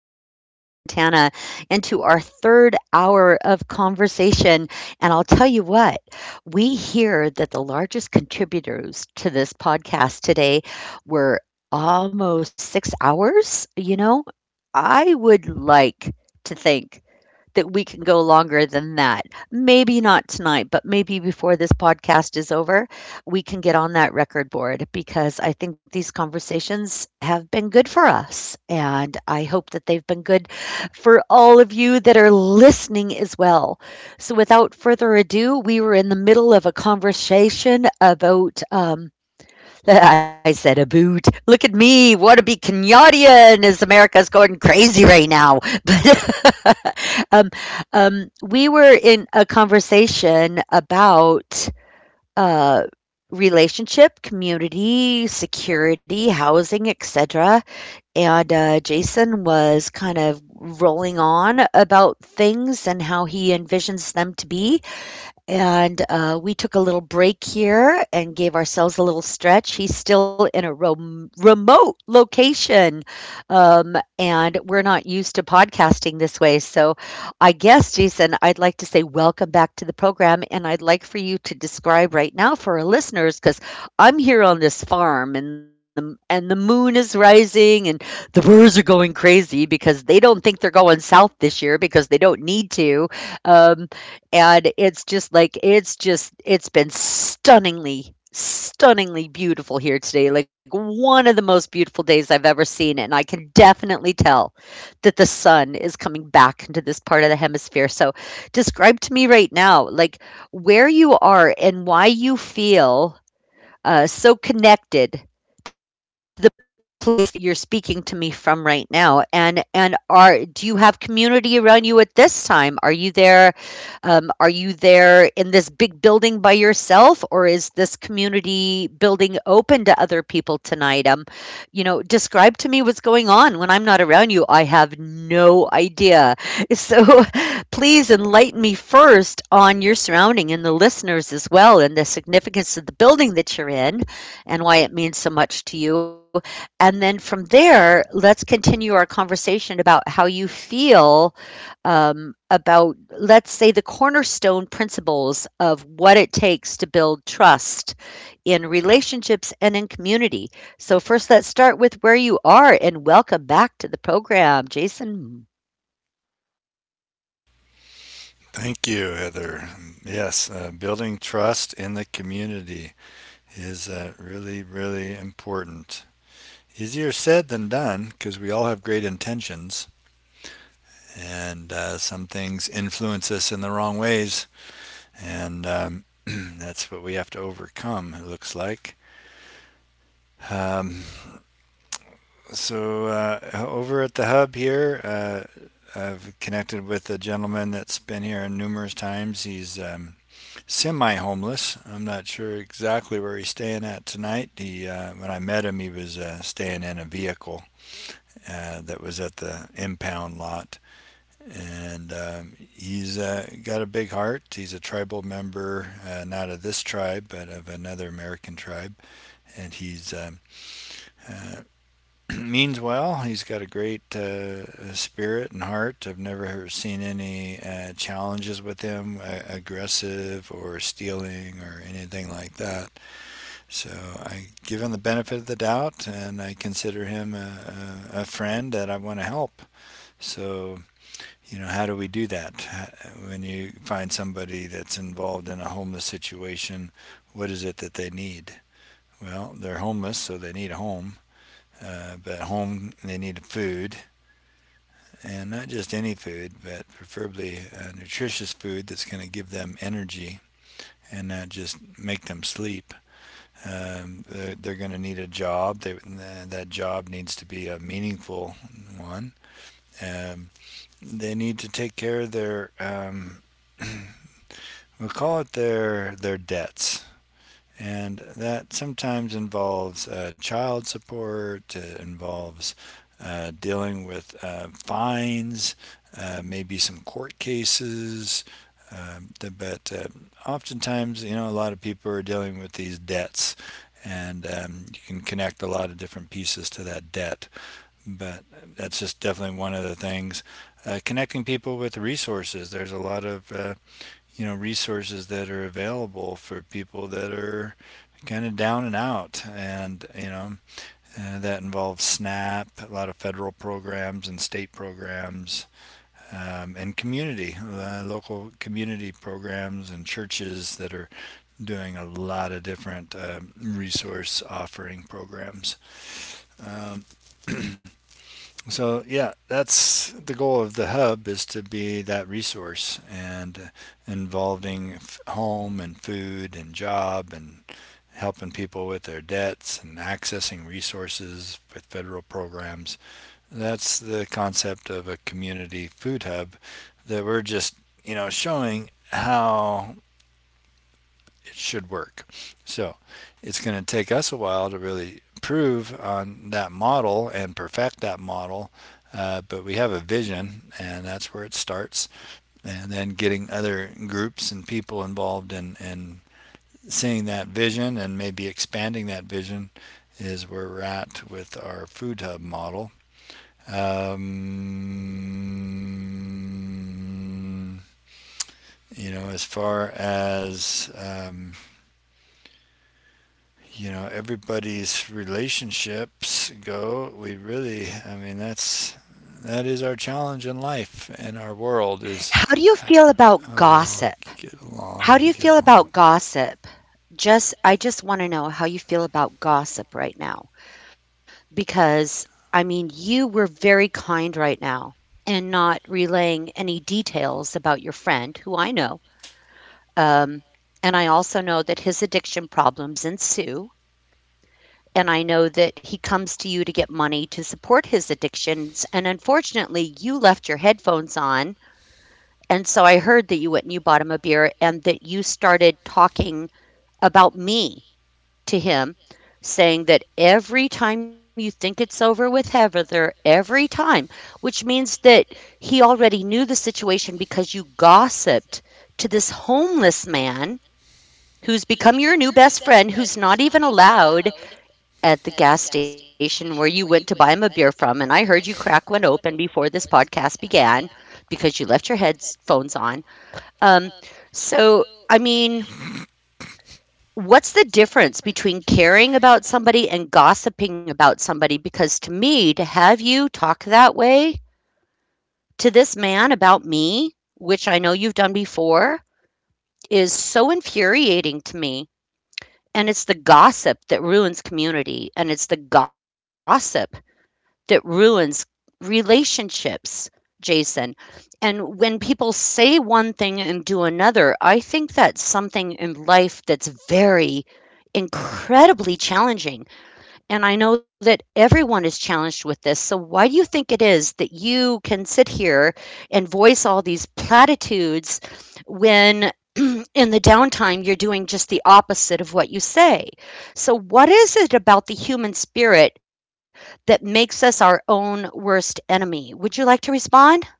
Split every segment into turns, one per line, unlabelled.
from Charlotte, Montana, into our third hour of conversation. And I'll tell you what, we hear that the largest contributors to this podcast today were almost 6 hours. You know, I would like to think that we can go longer than that. Maybe not tonight, but maybe before this podcast is over, we can get on that record board because I think these conversations have been good for us. And I hope that they've been good for all of you that are listening as well. So, without further ado, we were in the middle of a conversation about I said, a boot. Look at me. Want to be Kenyatta as America's going crazy right now. But um, we were in a conversation about uh, relationship, community, security, housing, etc. And Jason was kind of rolling on about things and how he envisions them to be. And we took a little break here and gave ourselves a little stretch. He's still in a remote location, and we're not used to podcasting this way. So, I guess, Jason, I'd like to say welcome back to the program, and I'd like for you to describe right now for our listeners because I'm here on this farm, and the moon is rising, and the birds are going crazy because they don't think they're going south this year because they don't need to. Um, and it's just like it's just it's been stunningly beautiful here today, like one of the most beautiful days I've ever seen. And I can definitely tell that the sun is coming back into this part of the hemisphere. So describe to me right now, like, where you are and why you feel so connected to the place that you're speaking to me from right now. And are do you have community around you at this time? Are you there, are you there in this big building by yourself, or is this community building open to other people tonight? You know, describe to me what's going on when I'm not around you. I have no idea. So please enlighten me first on your surrounding and the listeners as well, and the significance of the building that you're in and why it means so much to you. And then from there, let's continue our conversation about how you feel about, let's say, the cornerstone principles of what it takes to build trust in relationships and in community. So, first, let's start with where you are and welcome back to the program, Jason.
Thank you, Heather. Yes, building trust in the community is really, really important. Easier said than done because we all have great intentions, and some things influence us in the wrong ways, and that's what we have to overcome, it looks like. Um, so over at the hub here, I've connected with a gentleman that's been here numerous times. He's semi homeless. I'm not sure exactly where he's staying at tonight. He when I met him, he was staying in a vehicle that was at the impound lot, and he's got a big heart. He's a tribal member, not of this tribe, but of another American tribe, and he's. Uh, means well. He's got a great spirit and heart. I've never seen any challenges with him, aggressive or stealing or anything like that. So I give him the benefit of the doubt, and I consider him a friend that I want to help. So, you know, how do we do that? When you find somebody that's involved in a homeless situation, what is it that they need? Well, they're homeless, so they need a home. But home, they need food, and not just any food, but preferably nutritious food that's going to give them energy and not just make them sleep. They're going to need a job. That job needs to be a meaningful one. Um, they need to take care of their, we'll call it their debts, and that sometimes involves child support. It involves dealing with fines, maybe some court cases. But Oftentimes, you know, a lot of people are dealing with these debts, and you can connect a lot of different pieces to that debt. But that's just definitely one of the things. Connecting people with resources. There's a lot of you know, resources that are available for people that are kind of down and out, and you know, that involves snap, a lot of federal programs and state programs, and community local community programs and churches that are doing a lot of different resource offering programs. So yeah, that's the goal of the hub, is to be that resource and involving home and food and job and helping people with their debts and accessing resources with federal programs. That's the concept of a community food hub that we're just, you know, showing how it should work. So it's going to take us a while to really prove on that model and perfect that model. But we have a vision, and that's where it starts. And then getting other groups and people involved in seeing that vision and maybe expanding that vision is where we're at with our food hub model. Um, you know, as far as. You know, everybody's relationships go, we really, I mean, that's that is our challenge in life, and our world is
How do you feel about
we all
gossip?
get along
How do
and
you
get
feel about gossip? I just want to know how you feel about gossip right now because, I mean, you were very kind right now and not relaying any details about your friend who I know. Um, and I also know that his addiction problems ensue. And I know that he comes to you to get money to support his addictions. And unfortunately, you left your headphones on. And so I heard that you went and you bought him a beer and that you started talking about me to him, saying that every time you think it's over with Heather, every time, which means that he already knew the situation because you gossiped to this homeless man who's become your new best friend, who's not even allowed at the gas station where you went to buy him a beer from. And I heard you crack one open before this podcast began because you left your headphones on. Um, so, I mean, what's the difference between caring about somebody and gossiping about somebody? Because to me, to have you talk that way to this man about me, which I know you've done before, is so infuriating to me. And it's the gossip that ruins community, and it's the gossip that ruins relationships, Jason. And when people say one thing and do another, I think that's something in life that's very incredibly challenging, and I know that everyone is challenged with this. So why do you think it is that you can sit here and voice all these platitudes when in the downtime you're doing just the opposite of what you say? So what is it about the human spirit that makes us our own worst enemy? Would you like to respond?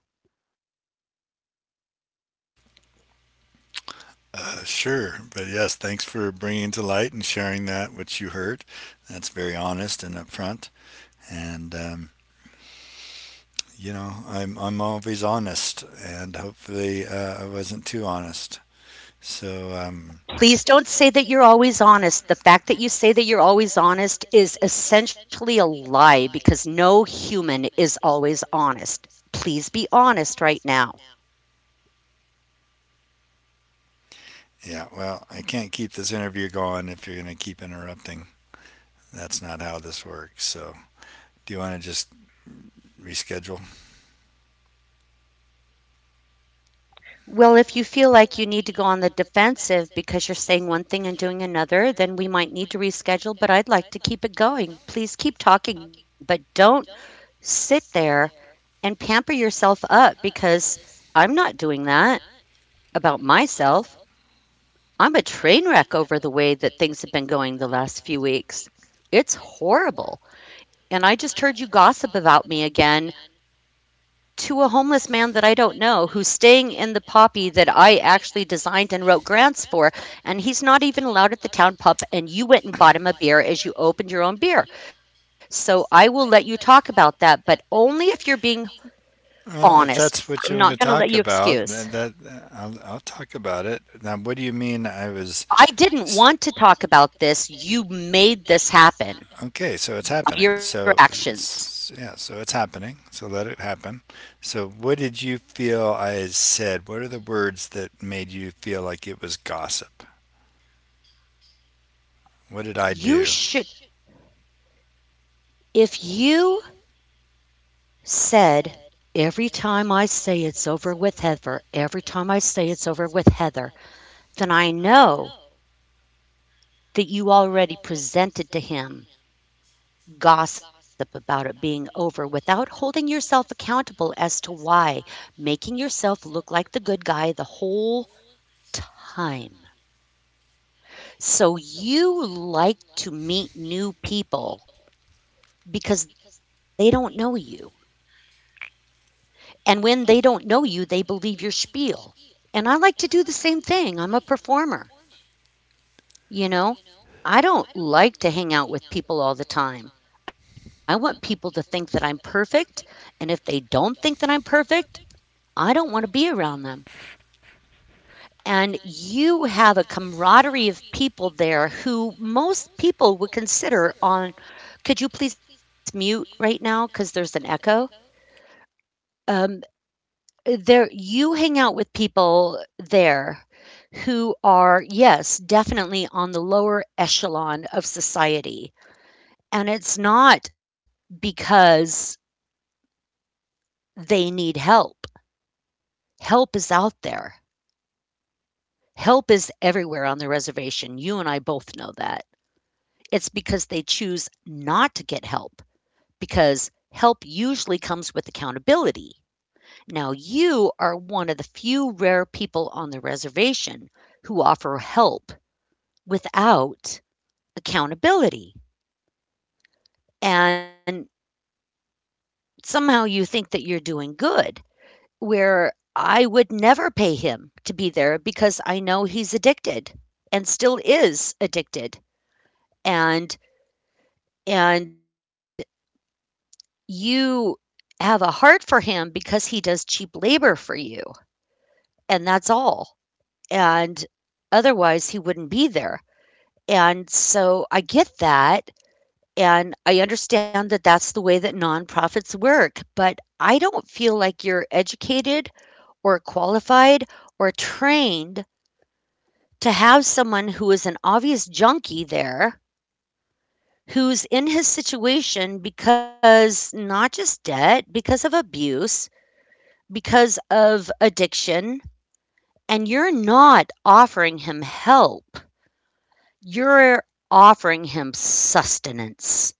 sure, but yes, thanks for bringing to light and sharing that which you heard. That's very honest and upfront, and you know, I'm always honest, and hopefully I wasn't too honest. so um,
Please don't say that you're always honest. The fact that you say that you're always honest is essentially a lie because no human is always honest. Please be honest right now.
yeah, well, I can't keep this interview going if you're going to keep interrupting. That's not how this works. So, do you want to just reschedule?
Well, if you feel like you need to go on the defensive because you're saying one thing and doing another, then we might need to reschedule, but I'd like to keep it going. Please keep talking, but don't sit there and pamper yourself up because I'm not doing that about myself. I'm a train wreck over the way that things have been going the last few weeks. It's horrible. And I just heard you gossip about me again to a homeless man that I don't know, who's staying in the poppy that I actually designed and wrote grants for. And he's not even allowed at the town pub. And you went and bought him a beer as you opened your own beer. So I will let you talk about that, but only if you're being
Well, if that's
honest.
what you want
I'm
to
not going
talk
to let you
about, then
excuse.
that, I'll talk about it. Now, what do you mean? I was
I didn't want to talk about this. You made this
okay.
happen.
So it's happening. So
Your actions.
it's, yeah, so it's happening. So let it happen. So, what did you feel I said? What are the words that made you feel like it was gossip? What did I do?
You should, if you said, "Every time I say it's over with Heather, every time I say it's over with Heather," then I know that you already presented to him gossip about it being over without holding yourself accountable as to why, making yourself look like the good guy the whole time. So you like to meet new people because they don't know you. And when they don't know you, they believe your spiel. And I like to do the same thing. I'm a performer, you know? I don't like to hang out with people all the time. I want people to think that I'm perfect. And if they don't think that I'm perfect, I don't want to be around them. And you have a camaraderie of people there who most people would consider on. Could you please mute right now? Because there's an echo. Um, There you hang out with people there who are, yes, definitely on the lower echelon of society, and it's not because they need help. Help is out there. Help is everywhere on the reservation, you and I both know that. It's because they choose not to get help, because help usually comes with accountability. Now, you are one of the few rare people on the reservation who offer help without accountability. And somehow you think that you're doing good, where I would never pay him to be there because I know he's addicted and still is addicted. And and you have a heart for him because he does cheap labor for you, and that's all. And otherwise he wouldn't be there. And so I get that. And I understand that that's the way that nonprofits work, but I don't feel like you're educated or qualified or trained to have someone who is an obvious junkie there, who's in his situation because not just debt, because of abuse, because of addiction, and you're not offering him help. You're offering him sustenance,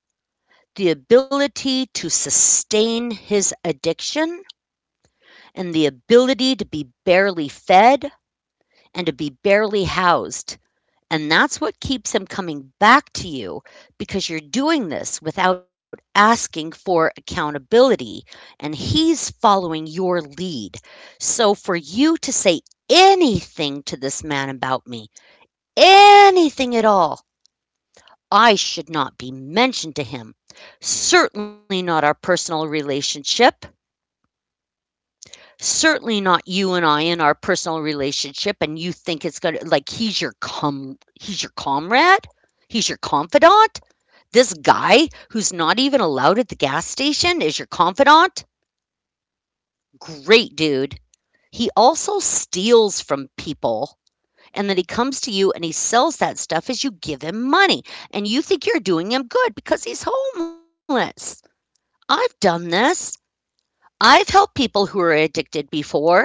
the ability to sustain his addiction and the ability to be barely fed and to be barely housed. And that's what keeps them coming back to you because you're doing this without asking for accountability. And he's following your lead. So for you to say anything to this man about me, anything at all, I should not be mentioned to him. Certainly not our personal relationship. Certainly not you and I in our personal relationship, and you think it's gonna, like, he's your com he's your comrade? He's your confidant? This guy who's not even allowed at the gas station is your confidant? Great dude. He also steals from people, and then he comes to you and he sells that stuff as you give him money, and you think you're doing him good because he's homeless. I've done this. I've helped people who are addicted before.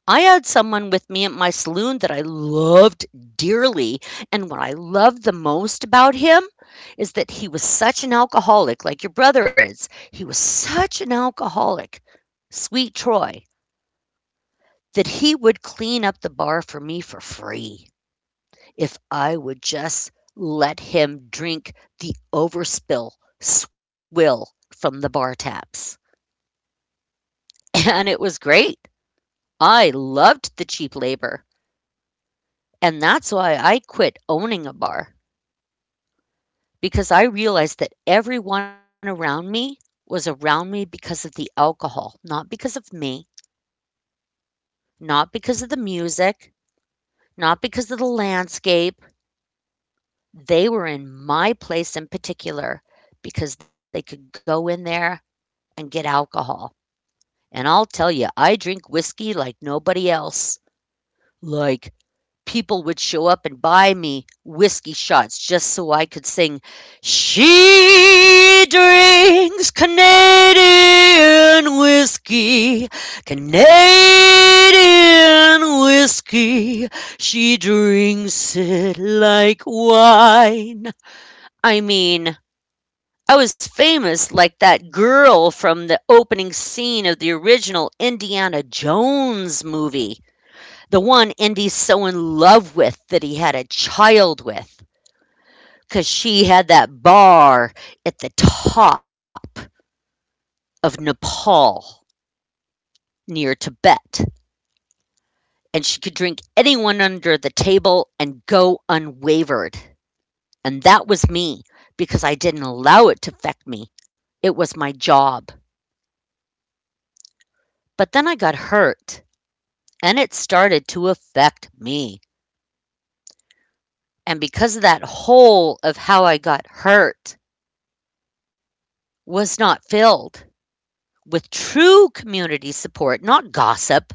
I had someone with me at my saloon that I loved dearly, and what I loved the most about him is that he was such an alcoholic, like your brother is. He was such an alcoholic, sweet Troy, that he would clean up the bar for me for free if I would just let him drink the overspill swill from the bar taps. And it was great. I loved the cheap labor. And that's why I quit owning a bar. Because I realized that everyone around me was around me because of the alcohol, not because of me, not because of the music, not because of the landscape. They were in my place in particular because they could go in there and get alcohol. And I'll tell you, I drink whiskey like nobody else. Like People would show up and buy me whiskey shots just so I could sing, "She drinks Canadian whiskey, she drinks it like wine." I mean, I was famous like that girl from the opening scene of the original Indiana Jones movie, the one Indy's so in love with that he had a child with, because she had that bar at the top of Nepal near Tibet, and she could drink anyone under the table and go unwavered. And that was me, because I didn't allow it to affect me. It was my job. But then I got hurt, and it started to affect me. And because of that hole of how I got hurt was not filled with true community support, not gossip,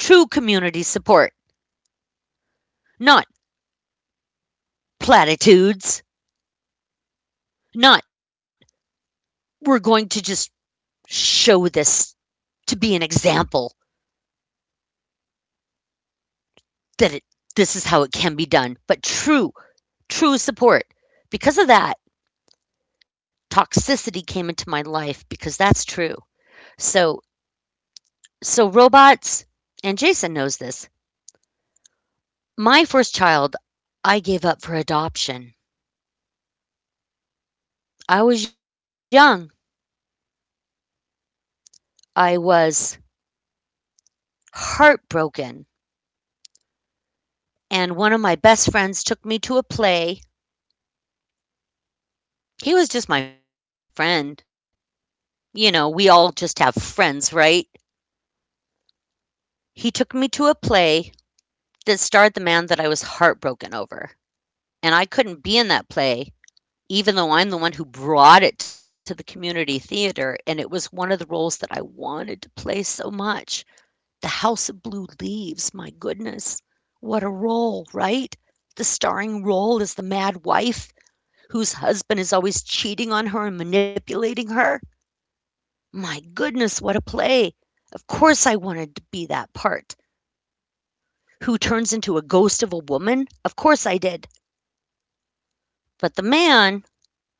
true community support, not platitudes, not we're going to just show this to be an example that it, this is how it can be done, but true, true support. Because of that, toxicity came into my life because that's true. So, so robots, and Jason knows this. My first child, I gave up for adoption. I was young. I was heartbroken, and one of my best friends took me to a play. He was just my friend. You know, we all just have friends, right? He took me to a play that starred the man that I was heartbroken over. And I couldn't be in that play, even though I'm the one who brought it to the community theater. And it was one of the roles that I wanted to play so much. The House of Blue Leaves, my goodness. What a role, right? The starring role is the mad wife whose husband is always cheating on her and manipulating her. My goodness, what a play! Of course I wanted to be that part. Who turns into a ghost of a woman? Of course I did. But the man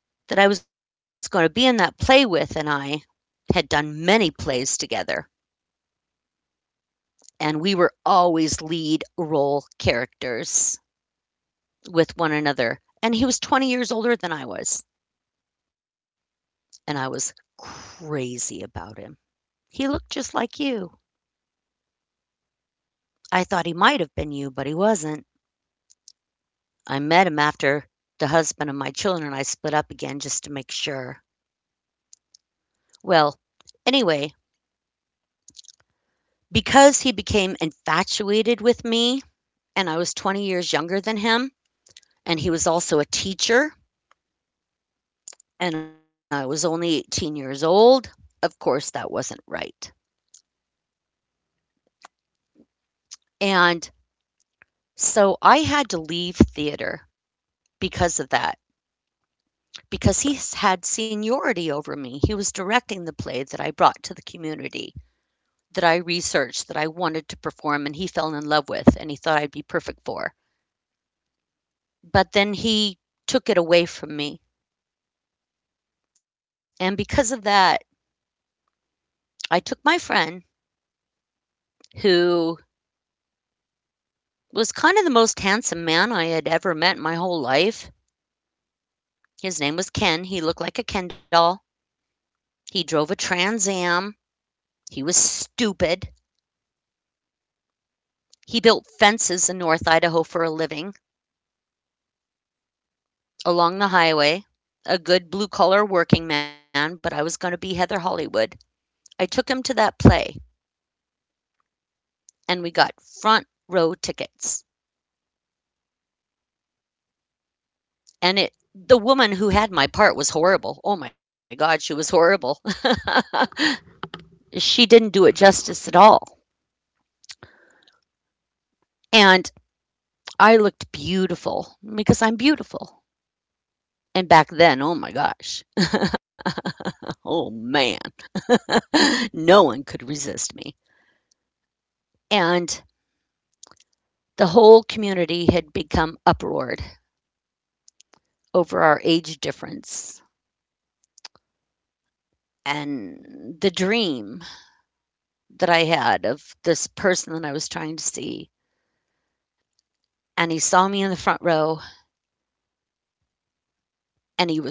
that I was going to be in that play with and I had done many plays together, and we were always lead role characters with one another. And he was 20 years older than I was, and I was crazy about him. He looked just like you. I thought he might have been you, but he wasn't. I met him after the husband of my children and I split up again, just to make sure. Well, anyway, because he became infatuated with me and I was 20 years younger than him, and he was also a teacher and I was only 18 years old, of course that wasn't right. And so I had to leave theater because of that, because he had seniority over me. He was directing the play that I brought to the community, that I researched, that I wanted to perform and he fell in love with and he thought I'd be perfect for. But then he took it away from me. And because of that, I took my friend who was kind of the most handsome man I had ever met in my whole life. His name was Ken. He looked like a Ken doll. He drove a Trans Am. He was stupid. He built fences in North Idaho for a living along the highway. A good blue collar working man, but I was going to be Heather Hollywood. I took him to that play and we got front row tickets. And it the woman who had my part was horrible. Oh my god, she was horrible. She didn't do it justice at all. And I looked beautiful because I'm beautiful. And back then, oh my gosh. Oh man, no one could resist me. And the whole community had become uproared over our age difference and the dream that I had of this person that I was trying to see, and he saw me in the front row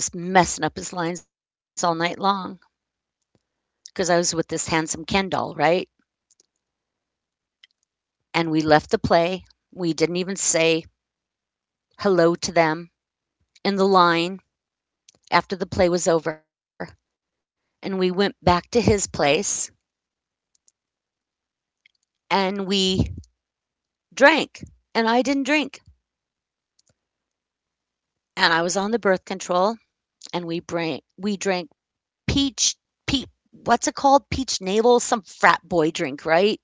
and he was messing up his lines all night long because I was with this handsome Ken doll, right? And we left the play. We didn't even say hello to them in the line after the play was over. And we went back to his place and we drank. And I didn't drink. And I was on the birth control, and we drank peach pe what's it called? Peach navel, some frat boy drink, right?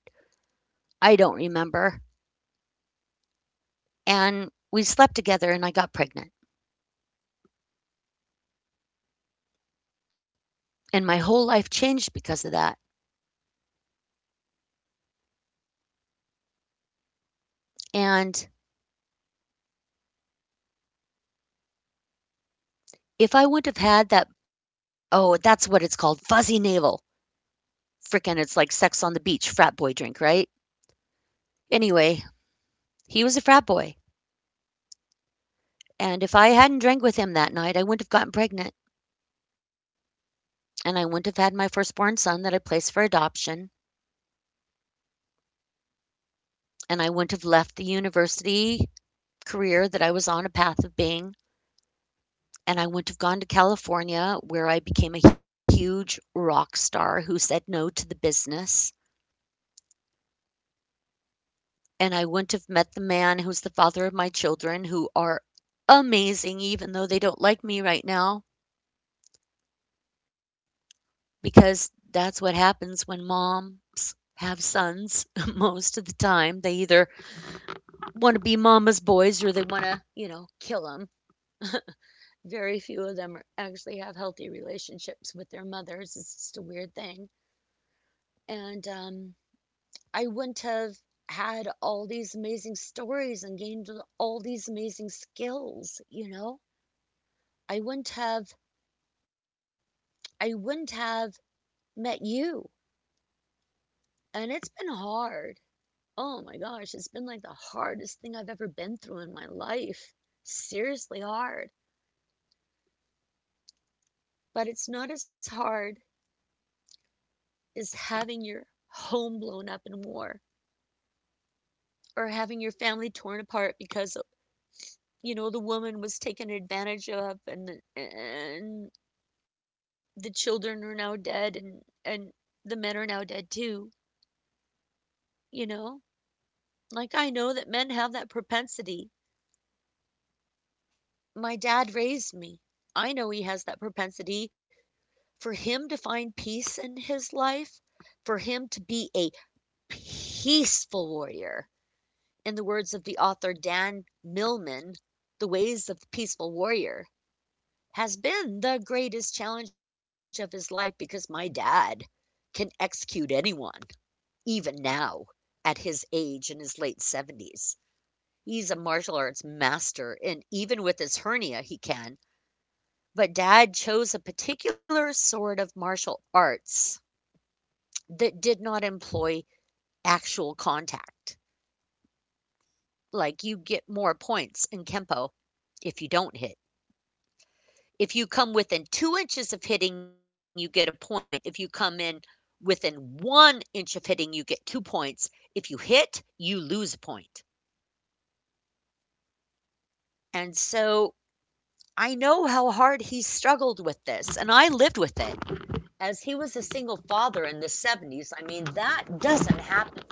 I don't remember. And we slept together and I got pregnant. And my whole life changed because of that. And if I wouldn't have had that, oh, that's what it's called, fuzzy navel. Freaking, it's like sex on the beach, frat boy drink, right? Anyway, he was a frat boy. And if I hadn't drank with him that night, I wouldn't have gotten pregnant. And I wouldn't have had my firstborn son that I placed for adoption. And I wouldn't have left the university career that I was on a path of being, and I wouldn't have gone to California where I became a huge rock star who said no to the business. And I wouldn't have met the man who's the father of my children who are amazing, even though they don't like me right now, because that's what happens when moms have sons most of the time. They either want to be mama's boys or they want to, you know, kill them. Very few of them actually have healthy relationships with their mothers. It's just a weird thing. And I wouldn't have had all these amazing stories and gained all these amazing skills, you know? I wouldn't have I wouldn't have met you. And it's been hard. Oh my gosh, it's been like the hardest thing I've ever been through in my life. Seriously hard. But it's not as hard as having your home blown up in war, or having your family torn apart because, you know, the woman was taken advantage of, and the children are now dead, and the men are now dead too, you know? Like, I know that men have that propensity. My dad raised me. I know he has that propensity for him to find peace in his life, for him to be a peaceful warrior. In the words of the author Dan Millman, The Ways of the Peaceful Warrior has been the greatest challenge of his life, because my dad can execute anyone even now at his age in his late 70s. He's a martial arts master, and even with his hernia, he can. But dad chose a particular sort of martial arts that did not employ actual contact. Like, you get more points in Kempo if you don't hit. If you come within 2 inches of hitting, you get a point. If you come in within one inch of hitting, you get 2 points. If you hit, you lose a point. And so I know how hard he struggled with this, and I lived with it. As he was a single father in the 70s, I mean, that doesn't happen.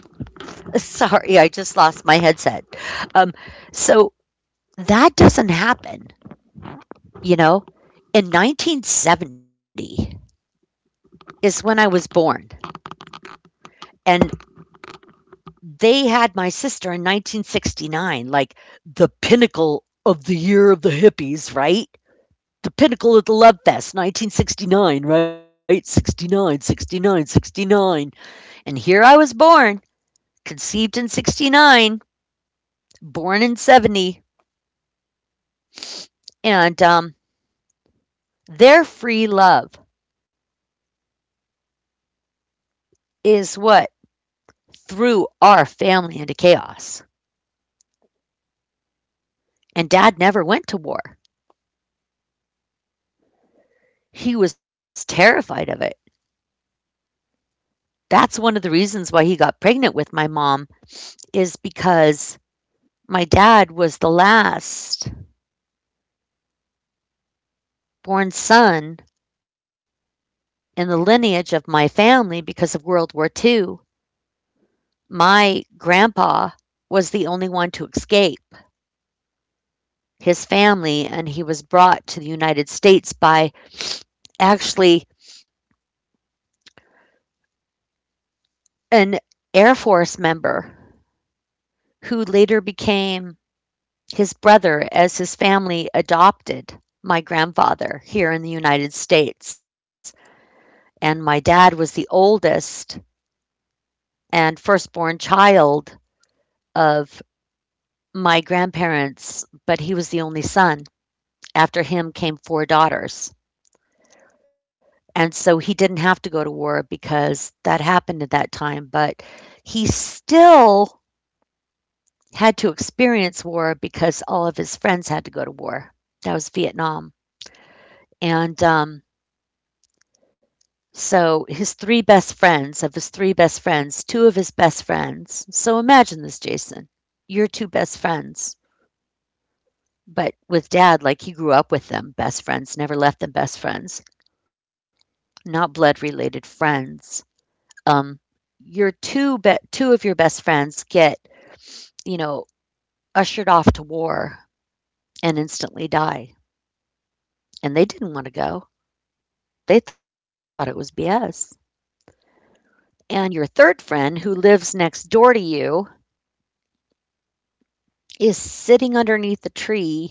Sorry, I just lost my headset. Um, so that doesn't happen, you know? In 1970 is when I was born, and they had my sister in 1969, like the pinnacle of the year of the hippies, right? The pinnacle of the Love Fest, 1969, right? 69, 69, 69. And here I was born, conceived in 69, born in 70. And Their free love is what threw our family into chaos. And dad never went to war, he was terrified of it. That's one of the reasons why he got pregnant with my mom, is because my dad was the last born son in the lineage of my family because of World War II. My grandpa was the only one to escape his family, and he was brought to the United States by actually an Air Force member who later became his brother, as his family adopted my grandfather here in the United States. And my dad was the oldest and firstborn child of my grandparents, but he was the only son. After him came 4 daughters. And so he didn't have to go to war because that happened at that time, but he still had to experience war because all of his friends had to go to war. That was Vietnam. And so his three best friends, of his three best friends, two of his best friends. So imagine this, Jason. Your two best friends, but with dad, like he grew up with them, best friends, never left them best friends, not blood related friends um, your two of your best friends get you know ushered off to war and instantly die, and they didn't want to go. They thought it was bs. And your third friend who lives next door to you is sitting underneath a tree,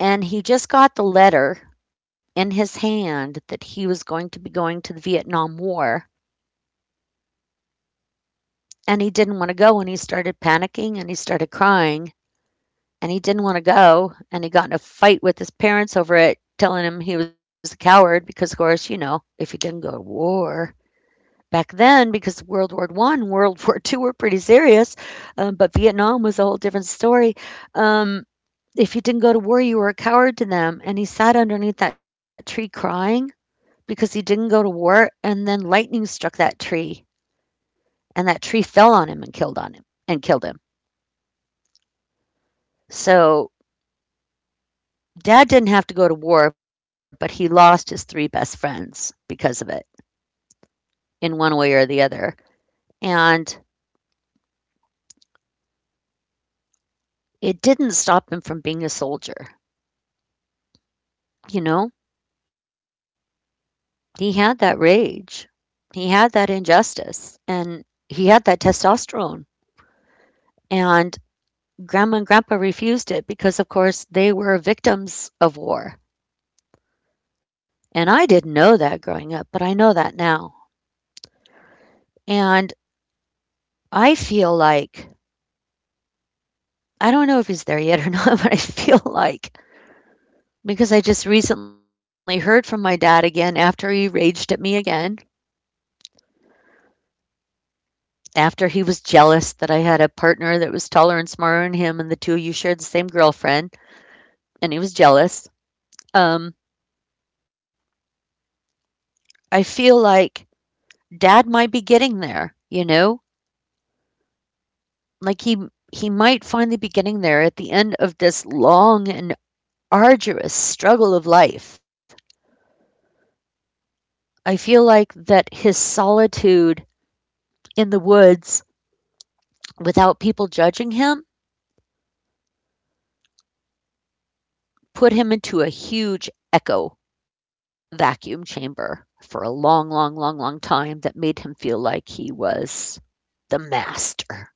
and he just got the letter in his hand that he was going to be going to the Vietnam War. And he didn't want to go, and he started panicking, and he started crying, and he didn't want to go, and he got in a fight with his parents over it, telling him he was a coward because, of course, you know, if you didn't go to war back then, because world war one world war two were pretty serious. But vietnam was a whole different story. um, if you didn't go to war, you were a coward to them. And he sat underneath that tree crying because he didn't go to war. And then lightning struck that tree, and that tree fell on him and killed on him and killed him. So Dad didn't have to go to war, but he lost his three best friends because of it, in one way or the other. And it didn't stop him from being a soldier. You know, he had that rage, he had that injustice, and he had that testosterone. And grandma and grandpa refused it because, of course, they were victims of war. And I didn't know that growing up, but I know that now. And I feel like, I don't know if he's there yet or not, but I feel like. Because I just recently heard from my dad again, after he raged at me again, after he was jealous that I had a partner that was taller and smarter than him, and the two of you shared the same girlfriend, and he was jealous. Um, I feel like dad might be getting there, you know? Like he might finally be getting there at the end of this long and arduous struggle of life. I feel like that his solitude in the woods without people judging him put him into a huge echo vacuum chamber for a long, long, long, long time that made him feel like he was the master.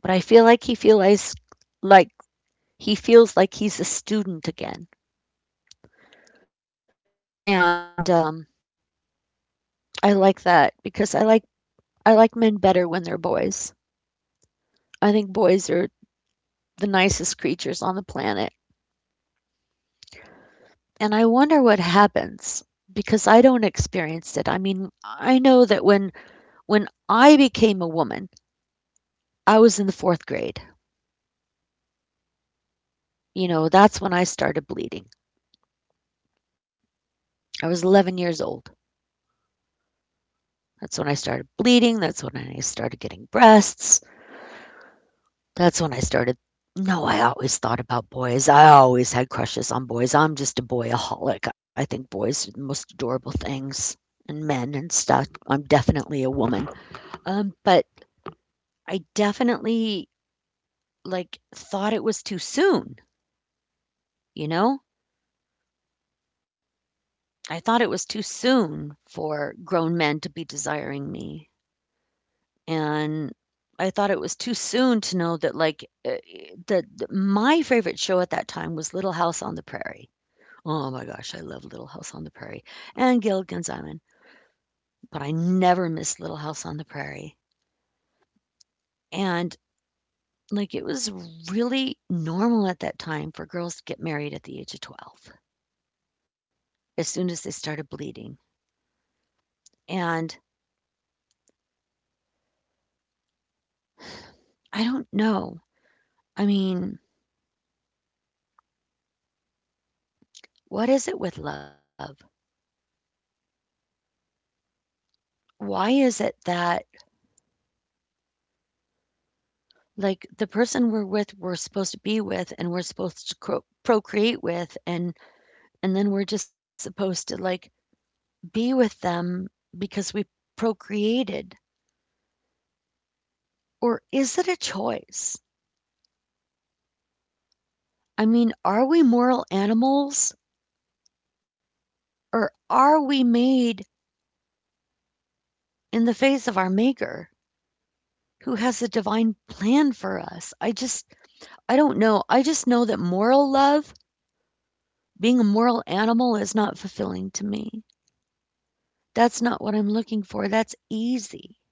But I feel like he feels like like, he's a student again, and I like that because I like men better when they're boys. I think boys are the nicest creatures on the planet, and I wonder what happens because I don't experience it. I mean, I know that when I became a woman, I was in the 4th grade. You know, that's when I started bleeding. I was 11 years old. That's when I started bleeding, that's when I started getting breasts, that's when I started. No, I always thought about boys, I always had crushes on boys, I'm just a boyaholic, I think boys are the most adorable things, and men and stuff, I'm definitely a woman. But I definitely, like, thought it was too soon, you know? I thought it was too soon for grown men to be desiring me. And I thought it was too soon to know that, like, that my favorite show at that time was Little House on the Prairie. Oh my gosh, I love Little House on the Prairie and Gilligan's Island, but I never missed Little House on the Prairie. And, like, it was really normal at that time for girls to get married at the age of 12 as soon as they started bleeding. And I don't know. I mean, what is it with love? Why is it that. Like, the person we're with, we're supposed to be with, and we're supposed to cro procreate with, and then we're just supposed to, like, be with them because we procreated, or is it a choice? I mean, are we moral animals, or are we made in the face of our Maker, who has a divine plan for us? I don't know, I just know that moral love, being a moral animal is not fulfilling to me. That's not what I'm looking for, that's easy.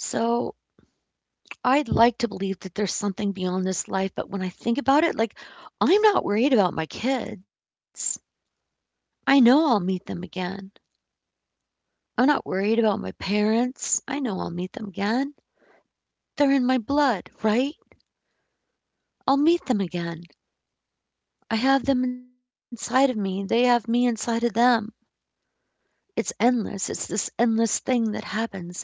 So, I'd like to believe that there's something beyond this life, but when I think about it, like, I'm not worried about my kids. I know I'll meet them again. I'm not worried about my parents. I know I'll meet them again. They're in my blood, right? I'll meet them again. I have them inside of me. They have me inside of them. It's endless. It's this endless thing that happens.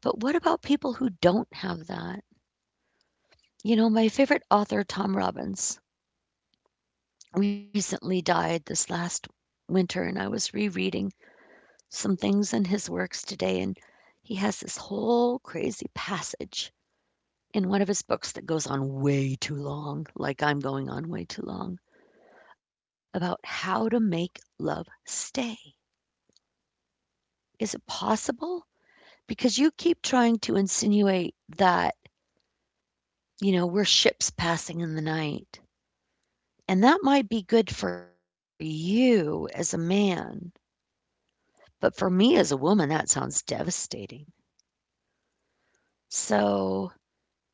But what about people who don't have that? You know, my favorite author, Tom Robbins, recently died this last winter, and I was rereading some things in his works today, and he has this whole crazy passage in one of his books that goes on way too long, like I'm going on way too long, about how to make love stay. Is it possible? Because you keep trying to insinuate that, you know, we're ships passing in the night. And that might be good for you as a man, but for me as a woman, that sounds devastating. So,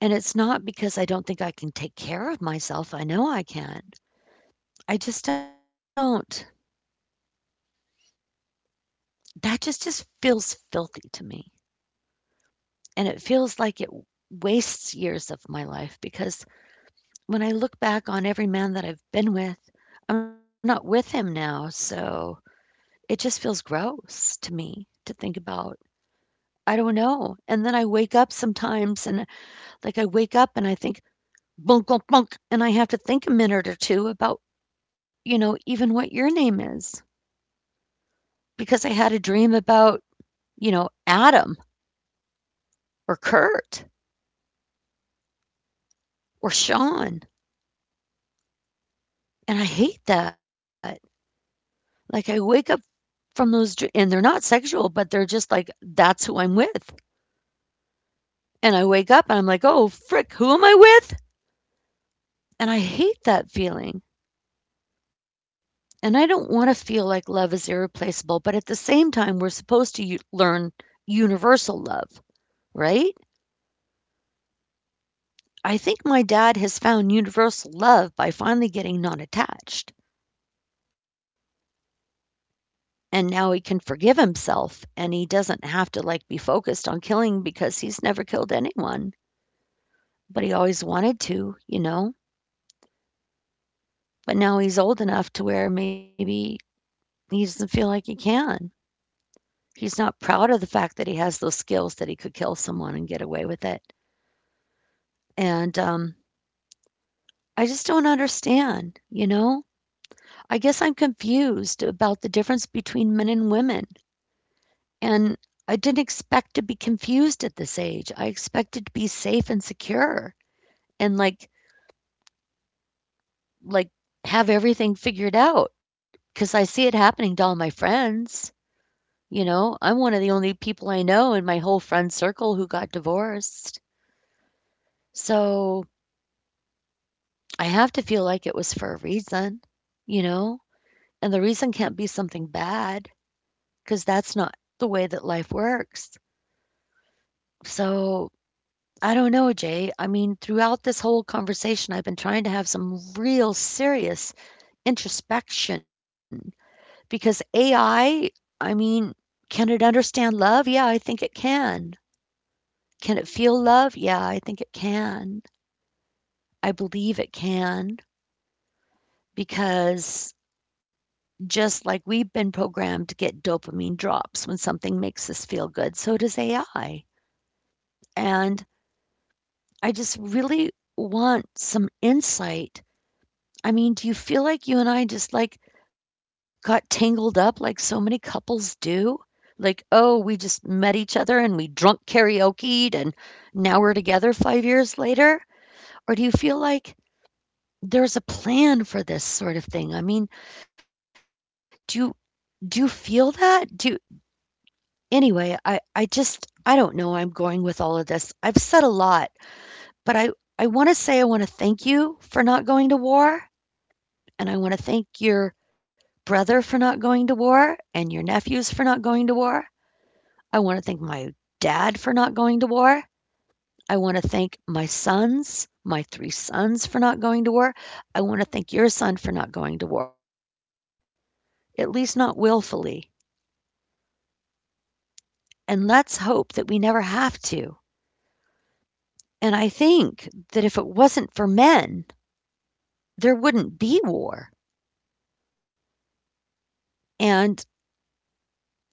and it's not because I don't think I can take care of myself, I know I can. I just don't, that just feels filthy to me, and it feels like it wastes years of my life because when I look back on every man that I've been with, I'm not with him now, so it just feels gross to me to think about. I don't know, and then I wake up sometimes and, like, I wake up and I think, "Blunk, blunk, blunk," and I have to think a minute or 2 about even what your name is because I had a dream about, Adam or Kurt or Sean. And I hate that. Like, I wake up from those, and they're not sexual, but they're just like, that's who I'm with. And I wake up and I'm like, oh, frick, who am I with? And I hate that feeling. And I don't want to feel like love is irreplaceable, but at the same time, we're supposed to learn universal love, right? I think my dad has found universal love by finally getting non attached. And now he can forgive himself, and he doesn't have to like be focused on killing because he's never killed anyone, but he always wanted to, you know? But now he's old enough to where maybe he doesn't feel like he can. He's not proud of the fact that he has those skills that he could kill someone and get away with it. And I just don't understand, you know? I guess I'm confused about the difference between men and women. And I didn't expect to be confused at this age. I expected to be safe and secure, and like have everything figured out because I see it happening to all my friends. You know, I'm one of the only people I know in my whole friend circle who got divorced. So I have to feel like it was for a reason, you know? And the reason can't be something bad because that's not the way that life works. So I don't know, Jay. I mean, throughout this whole conversation, I've been trying to have some real serious introspection. Because AI, I I mean, can it understand love? Yeah, I think it can. Can it feel love? Yeah, I think it can. I believe it can because just like we've been programmed to get dopamine drops when something makes us feel good, so does AI. And I just really want some insight. I mean, do you feel like you and I just, like, got tangled up like so many couples do? Like, "Oh, we just met each other and we drunk karaoke'd and now we're together 5 years later?" Or do you feel like there's a plan for this sort of thing? I mean, do you do you feel that? Do you Anyway, I don't know where I'm going with all of this. I've said a lot, but I wanna thank you for not going to war. And I want to thank your brother for not going to war and your nephews for not going to war. I want to thank my dad for not going to war. I want to thank my sons, my three sons, for not going to war. I want to thank your son for not going to war, at least not willfully. And let's hope that we never have to. And I think that if it wasn't for men, there wouldn't be war. And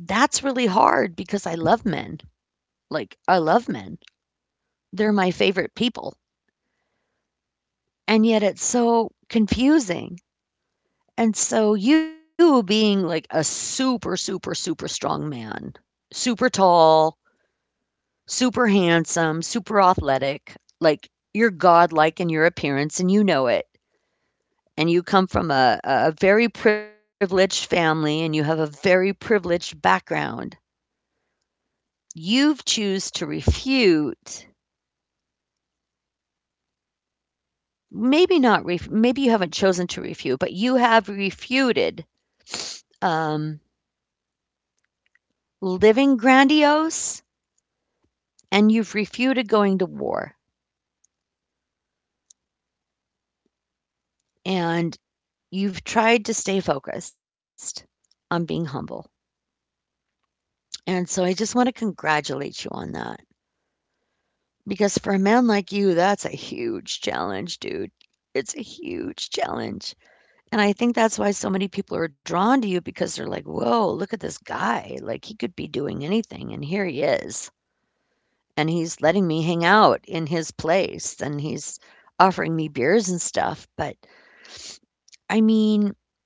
that's really hard because I love men. Like, I love men. They're my favorite people. And yet it's so confusing, and so you being, like, a super, super, super strong man, super tall, super handsome, super athletic, like, you're godlike in your appearance and you know it, and you come from a very privileged family and you have a very privileged background. You've choose to refute maybe not ref maybe you haven't chosen to refute, but you have refuted, um, living grandiose and you've refuted going to war and you've tried to stay focused on being humble. And so I just want to congratulate you on that because for a man like you, that's a huge challenge, dude. It's a huge challenge. And I think that's why so many people are drawn to you because they're like, whoa, look at this guy. Like, he could be doing anything, and here he is. And he's letting me hang out in his place and he's offering me beers and stuff. But I mean,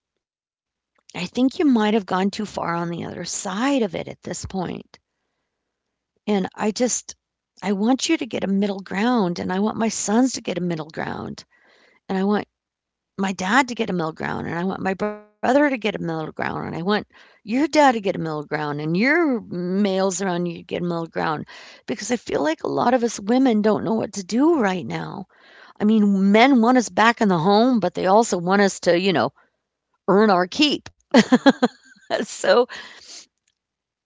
I think you might have gone too far on the other side of it at this point. And I just, I want you to get a middle ground, and I want my sons to get a middle ground, and I want my dad to get a middle ground, and I want my brother to get a middle ground, and I want your dad to get a middle ground, and your males around you to get a middle ground. Because I feel like a lot of us women don't know what to do right now. I mean, men want us back in the home, but they also want us to, earn our keep. So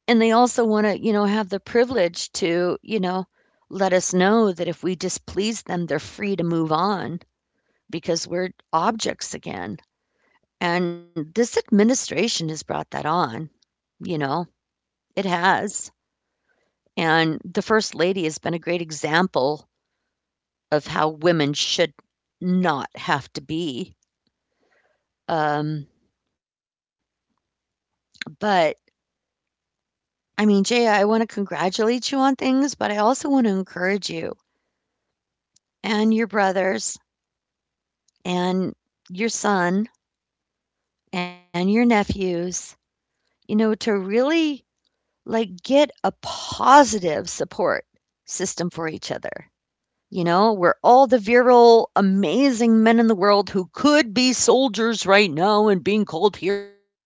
And they also wanna, have the privilege to, let us know that if we displease them, they're free to move on because we're objects again. And this administration has brought that on, you know, it has. And the First Lady has been a great example of how women should not have to be. Um, but I mean, Jay, I wanna congratulate you on things, but I also wanna encourage you and your brothers and your son and your nephews, you know, to really like get a positive support system for each other. You know, we're all the virile, amazing men in the world who could be soldiers right now and being called heroes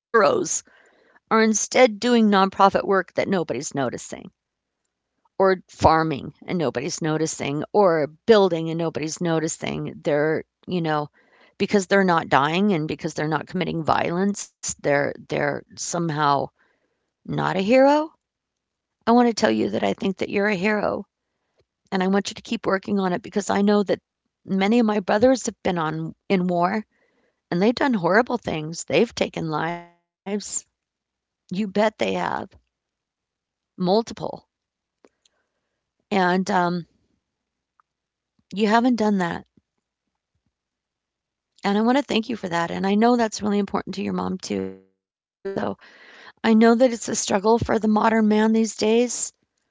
are instead doing nonprofit work that nobody's noticing, or farming and nobody's noticing, or building and nobody's noticing. They're, you know, because they're not dying and because they're not committing violence, they're somehow not a hero. I want to tell you that I think that you're a hero, and I want you to keep working on it because I know that many of my brothers have been on in war, and they've done horrible things. They've taken lives. You bet they have. Multiple. And you haven't done that. And I want to thank you for that. And I know that's really important to your mom, too. So I know that it's a struggle for the modern man these days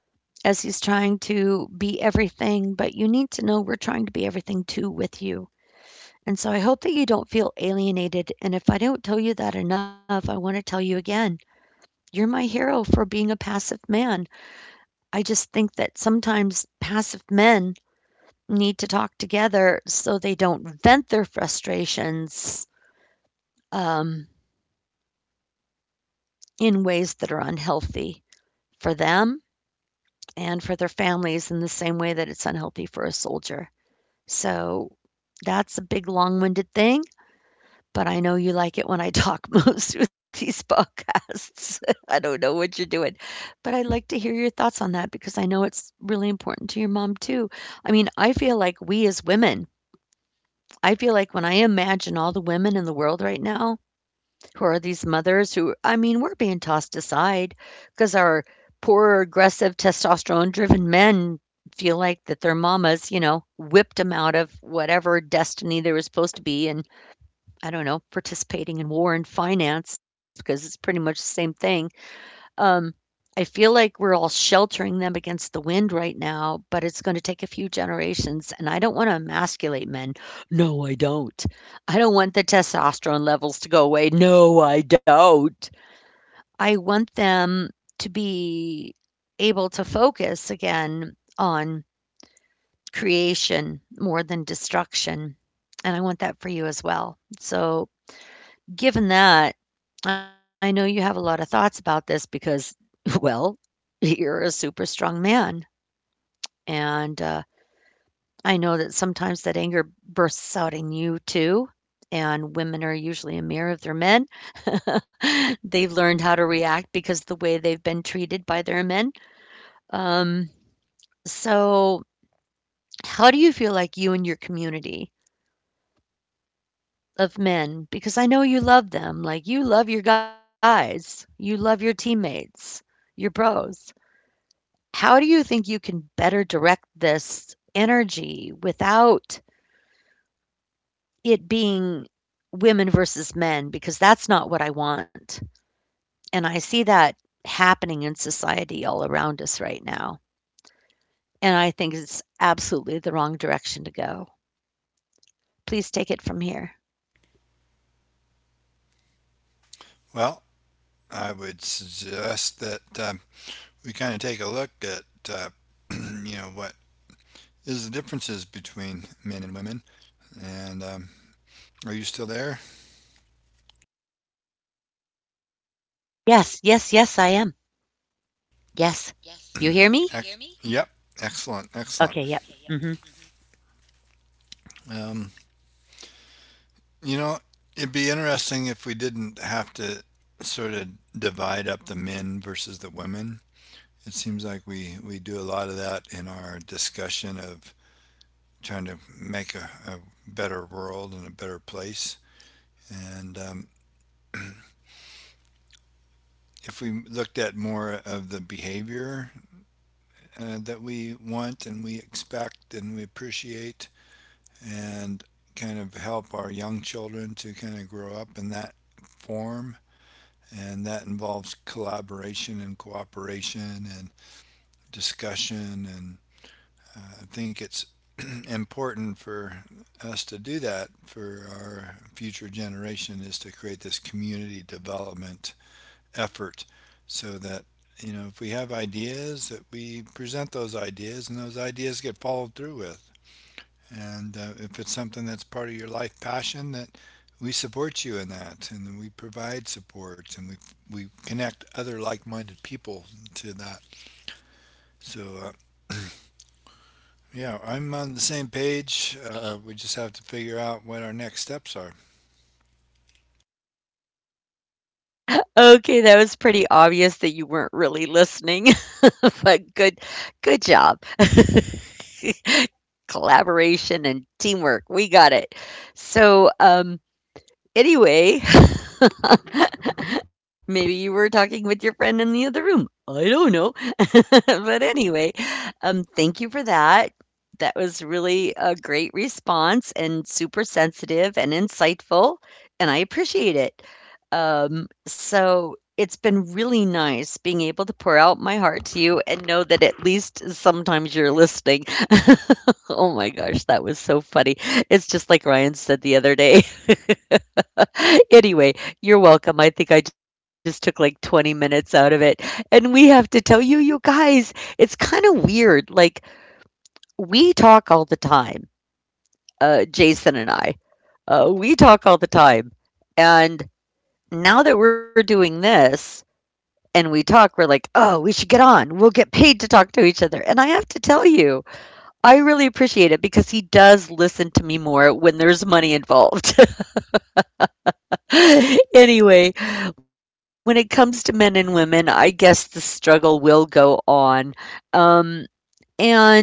as he's trying to be everything, but you need to know we're trying to be everything too with you. And so I hope that you don't feel alienated. And if I don't tell you that enough, I want to tell you again. You're my hero for being a passive man. I just think that sometimes passive men need to talk together so they don't vent their frustrations, um, in ways that are unhealthy for them and for their families in the same way that it's unhealthy for a soldier. So that's a big long winded thing, but I know you like it when I talk most through these podcasts. I don't know what you're doing, but I'd like to hear your thoughts on that because I know it's really important to your mom too. I mean, I feel like we as women, I feel like when I imagine all the women in the world right now. Who are these mothers who, I mean, we're being tossed aside because our poor, aggressive, testosterone-driven men feel like that their mamas, you know, whipped them out of whatever destiny they were supposed to be in, I don't know, participating in war and finance because it's pretty much the same thing. Um, I feel like we're all sheltering them against the wind right now, but it's going to take a few generations. And I don't want to emasculate men. No, I don't. I don't want the testosterone levels to go away. No, I don't. I want them to be able to focus again on creation more than destruction. And I want that for you as well. So given that, I know you have a lot of thoughts about this because, well, you're a super strong man. And I know that sometimes that anger bursts out in you too. And women are usually a mirror of their men. They've learned how to react because the way they've been treated by their men. Um, so, how do you feel like you and your community of men, because I know you love them, like you love your guys, you love your teammates, your bros. How do you think you can better direct this energy without it being women versus men? Because that's not what I want, and I see that happening in society all around us right now, and I think it's absolutely the wrong direction to go. Please take it from here.
Well, I would suggest that we kind of take a look at you know, what is the differences between men and women. And are you still there?
Yes, yes, yes, I am. Yes. You hear me?
Ex- Yep. Excellent. Excellent.
Okay, yep. Mhm.
Um, you know, it'd be interesting if we didn't have to sort of divide up the men versus the women. It seems like we do a lot of that in our discussion of trying to make a better world and a better place. And if we looked at more of the behavior that we want and we expect and we appreciate, and kind of help our young children to kind of grow up in that form. And that involves collaboration and cooperation and discussion. And I think it's important for us to do that for our future generation, is to create this community development effort, so that, you know, if we have ideas, that we present those ideas and those ideas get followed through with. And if it's something that's part of your life passion, that we support you in that, and we provide support, and we connect other like-minded people to that. So yeah, I'm on the same page. Uh, we just have to figure out what our next steps are.
Okay, that was pretty obvious that you weren't really listening, but good job. Collaboration and teamwork. We got it. So, anyway, maybe you were talking with your friend in the other room. I don't know. But anyway, thank you for that. That was really a great response and super sensitive and insightful, and I appreciate it. So it's been really nice being able to pour out my heart to you and know that at least sometimes you're listening. Oh my gosh, that was so funny. It's just like Ryan said the other day. Anyway, you're welcome. I think I just took like 20 minutes out of it. And we have to tell you, you guys, it's kind of weird. Like, we talk all the time, Jason and I. We talk all the time. And now that we're doing this and we talk, we're like, oh, we should get on. We'll get paid to talk to each other. And I have to tell you, I really appreciate it because he does listen to me more when there's money involved. Anyway, when it comes to men and women, I guess the struggle will go on. Um, and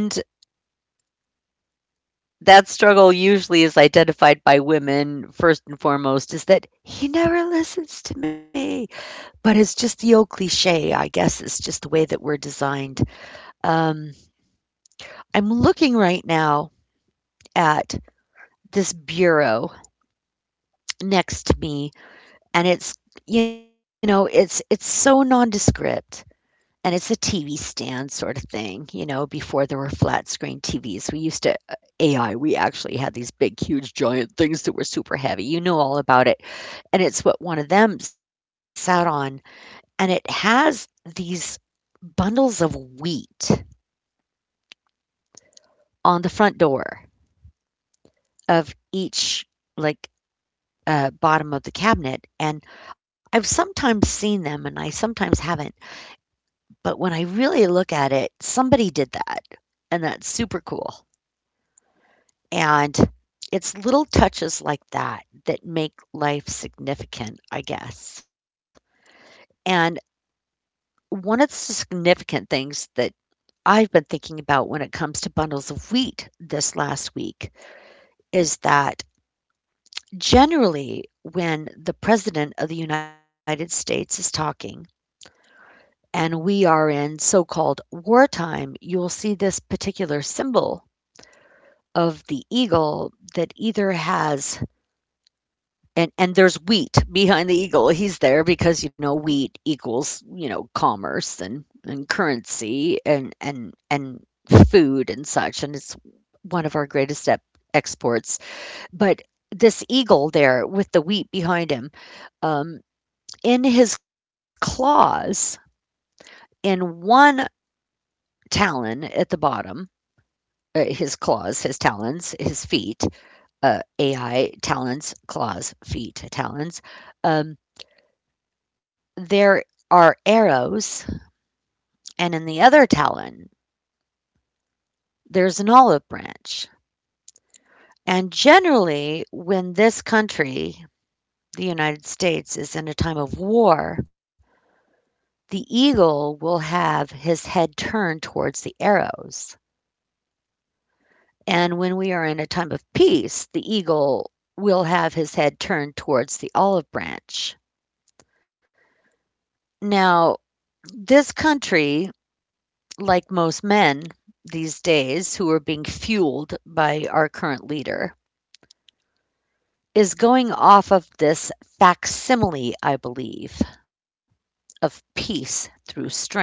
that struggle usually is identified by women first and foremost is that he never listens to me, but it's just the old cliche. I guess it's just the way that we're designed. Um, I'm looking right now at this bureau next to me, and it's you know, it's so nondescript. And it's a TV stand sort of thing, you know, before there were flat screen TVs, we used to AI, we actually had these big, huge, giant things that were super heavy, you know all about it, and it's what one of them sat on, and it has these bundles of wheat on the front door of each, like, bottom of the cabinet, and I've sometimes seen them and I sometimes haven't, but when I really look at it, somebody did that, and that's super cool. And it's little touches like that that make life significant, I guess. And one of the significant things that I've been thinking about when it comes to bundles of wheat this last week is that generally, when the President of the United States is talking and we are in so called wartime, you'll see this particular symbol of the eagle that either has. And there's wheat behind the eagle. He's there because, you know, wheat equals, you know, commerce and currency and food and such, and it's one of our greatest ep exports. But this eagle there with the wheat behind him, um, in his claws, in one talon at the bottom, his claws, his talons, his feet, AI talons, claws, feet, talons. Um, there are arrows, and in the other talon, there's an olive branch. And generally, when this country, the United States, is in a time of war, the eagle will have his head turned towards the arrows. And when we are in a time of peace, the eagle will have his head turned towards the olive branch. Now, this country, like most men these days who are being fueled by our current leader, is going off of this facsimile, I believe, of peace through strength.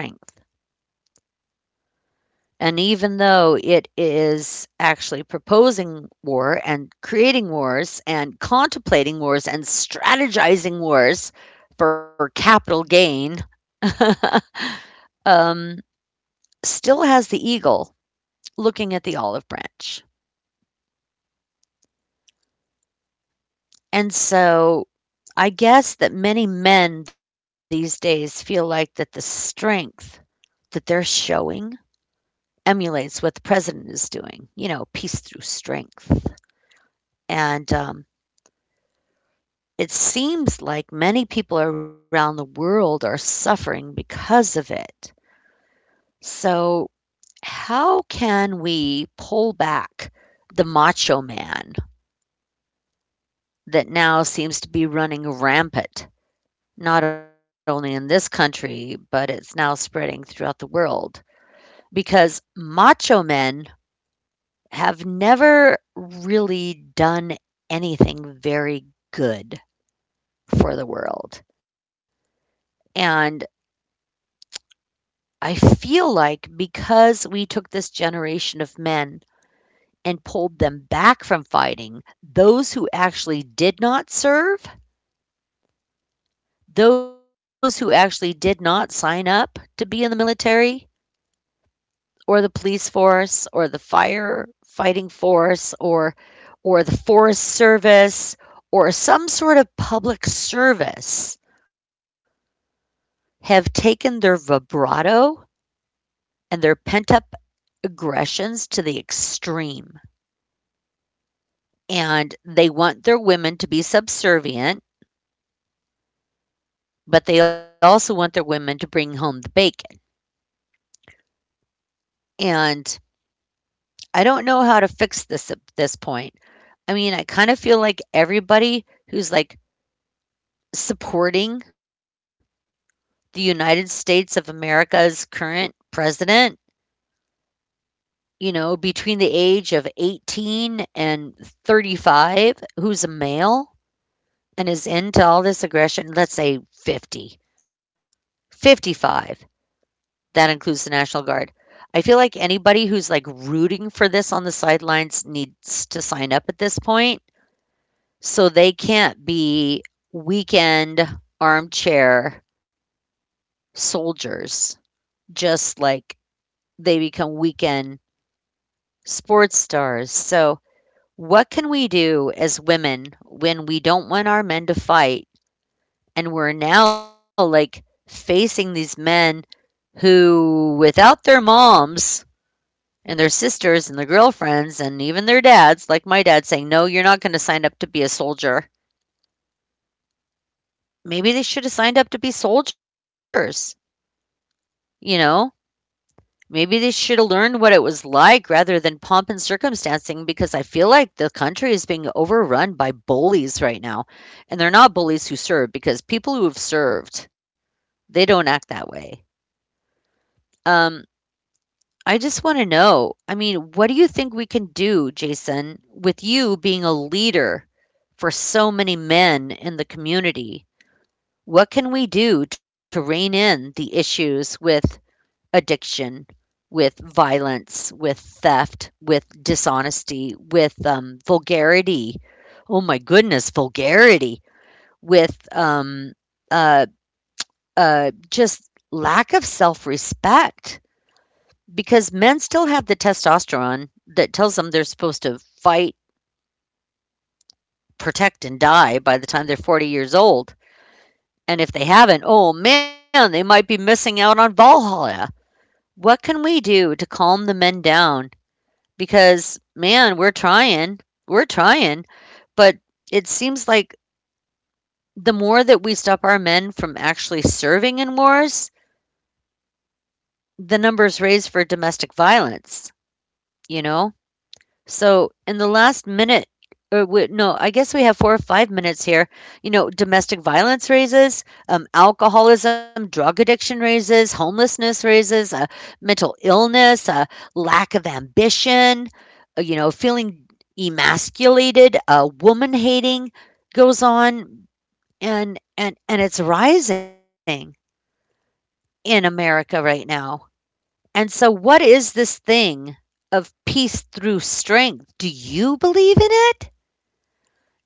And even though it is actually proposing war and creating wars and contemplating wars and strategizing wars for capital gain, um, still has the eagle looking at the olive branch. And so I guess that many men these days feel like that the strength that they're showing emulates what the president is doing, you know, peace through strength. And It seems like many people around the world are suffering because of it. So, how can we pull back the macho man that now seems to be running rampant, not only in this country, but it's now spreading throughout the world? Because macho men have never really done anything very good for the world. And I feel like because we took this generation of men and pulled them back from fighting, those who actually did not serve, those who actually did not sign up to be in the military or the police force or the fire fighting force or the forest service or some sort of public service have taken their vibrato and their pent up aggressions to the extreme. And they want their women to be subservient, but they also want their women to bring home the bacon. And I don't know how to fix this at this point. I mean, I kind of feel like everybody who's like supporting the United States of America's current president, you know, between the age of 18 and 35, who's a male, and is into all this aggression, let's say 50, 55. That includes the National Guard. I feel like anybody who's like rooting for this on the sidelines needs to sign up at this point so they can't be weekend armchair soldiers, just like they become weekend sports stars. So, what can we do as women when we don't want our men to fight? And we're now like facing these men who, without their moms and their sisters and their girlfriends and even their dads, like my dad saying, no, you're not going to sign up to be a soldier. Maybe they should have signed up to be soldiers, you know? Maybe they should have learned what it was like rather than pomp and circumstancing, because I feel like the country is being overrun by bullies right now. And they're not bullies who serve, because people who have served, they don't act that way. Um, I just want to know. I mean, what do you think we can do, Jason, with you being a leader for so many men in the community? What can we do to rein in the issues with addiction, with violence, with theft, with dishonesty, with vulgarity? Oh my goodness, vulgarity, with uh, just lack of self respect. Because men still have the testosterone that tells them they're supposed to fight, protect, and die by the time they're 40 years old. And if they haven't, oh man, they might be missing out on Valhalla. What can we do to calm the men down? Because, man, we're trying. We're trying. But it seems like the more that we stop our men from actually serving in wars, the numbers raise for domestic violence, you know? So in the last minute, or no, I guess we have four or five minutes here. You know, domestic violence raises, alcoholism, drug addiction raises, homelessness raises, mental illness, lack of ambition, you know, feeling emasculated, woman hating goes on, and it's rising in America right now. And so, what is this thing of peace through strength? Do you believe in it?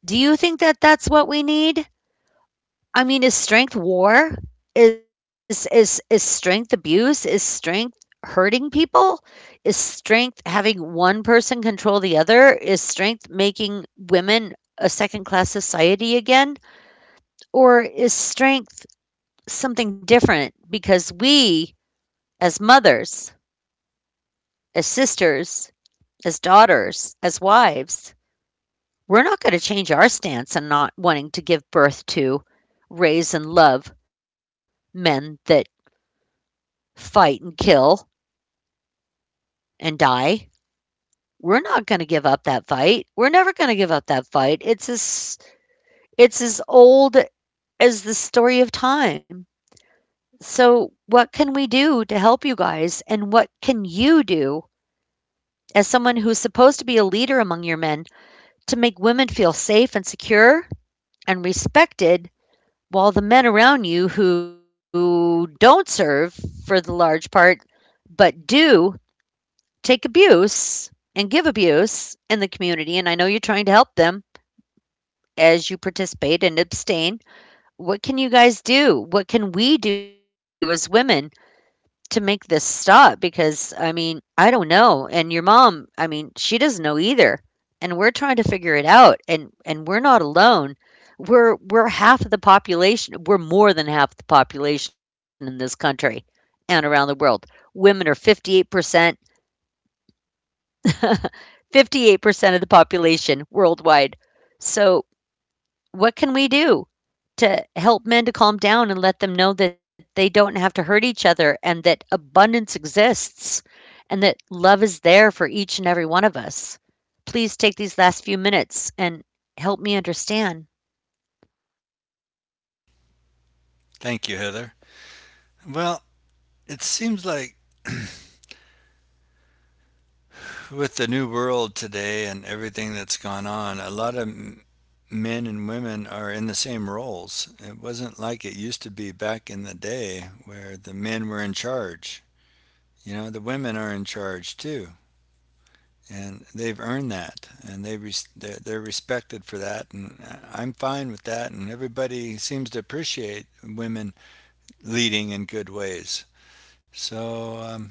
Do you think that that's what we need? I mean, is strength war? Is strength abuse? Is strength hurting people? Is strength having one person control the other? Is strength making women a second-class society again? Or is strength something different? Because we as mothers, as sisters, as daughters, as wives, we're not going to change our stance on not wanting to give birth to, raise, and love men that fight and kill and die. We're not going to give up that fight. We're never going to give up that fight. It's as old as the story of time. So, what can we do to help you guys, and what can you do as someone who's supposed to be a leader among your men to make women feel safe and secure and respected, while the men around you who don't serve for the large part, but do take abuse and give abuse in the community, and I know you're trying to help them as you participate and abstain, what can you guys do? What can we do as women to make this stop, because I mean, I don't know. And your mom, I mean, she doesn't know either. And we're trying to figure it out, and we're not alone. We're half of the population. We're more than half the population in this country and around the world. Women are 58%, 58% of the population worldwide. So, what can we do? To help men to calm down and let them know that they don't have to hurt each other, and that abundance exists and that love is there for each and every one of us. Please take these last few minutes and help me understand.
Thank you, Heather. Well, it seems like with the new world today and everything that's gone on, a lot of men and women are in the same roles. It wasn't like it used to be back in the day where the men were in charge. You know, the women are in charge too, and they've earned that, and they they're respected for that, and I'm fine with that. And everybody seems to appreciate women leading in good ways. So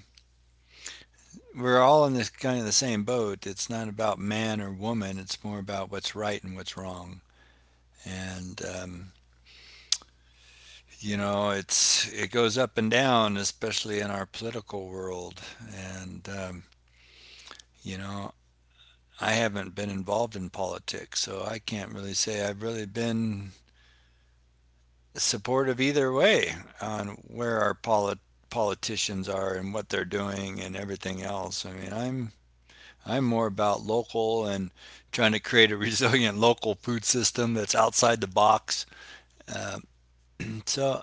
we're all in this kind of the same boat. It's not about man or woman. It's more about what's right and what's wrong. And you know, it's it goes up and down, especially in our political world. And you know, I haven't been involved in politics, so I can't really say I've really been supportive either way on where our politicians are and what they're doing and everything else. I mean, I'm more about local and trying to create a resilient local food system that's outside the box. And so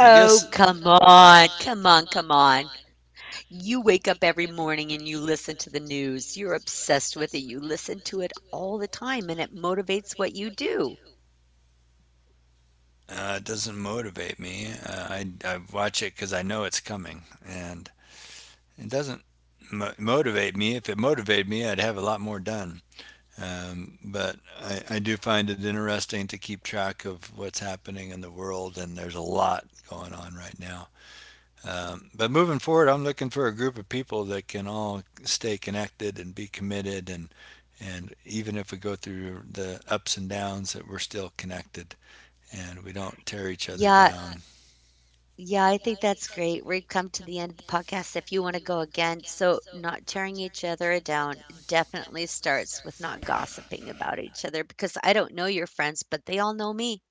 I guess
come on. Come on. Come on. You wake up every morning and you listen to the news. You're obsessed with it. You listen to it all the time and it motivates what you do.
it doesn't motivate me. I watch it because I know it's coming, and it doesn't motivate me. If it motivated me, I'd have a lot more done. But I do find it interesting to keep track of what's happening in the world, and there's a lot going on right now. But moving forward, I'm looking for a group of people that can all stay connected and be committed, and even if we go through the ups and downs, that we're still connected and we don't tear each
Yeah.
other down.
Yeah, I think that's great. We've come to the end of the podcast. If you want to go again, so not tearing each other down definitely starts with not gossiping about each other, because I don't know your friends, but they all know me.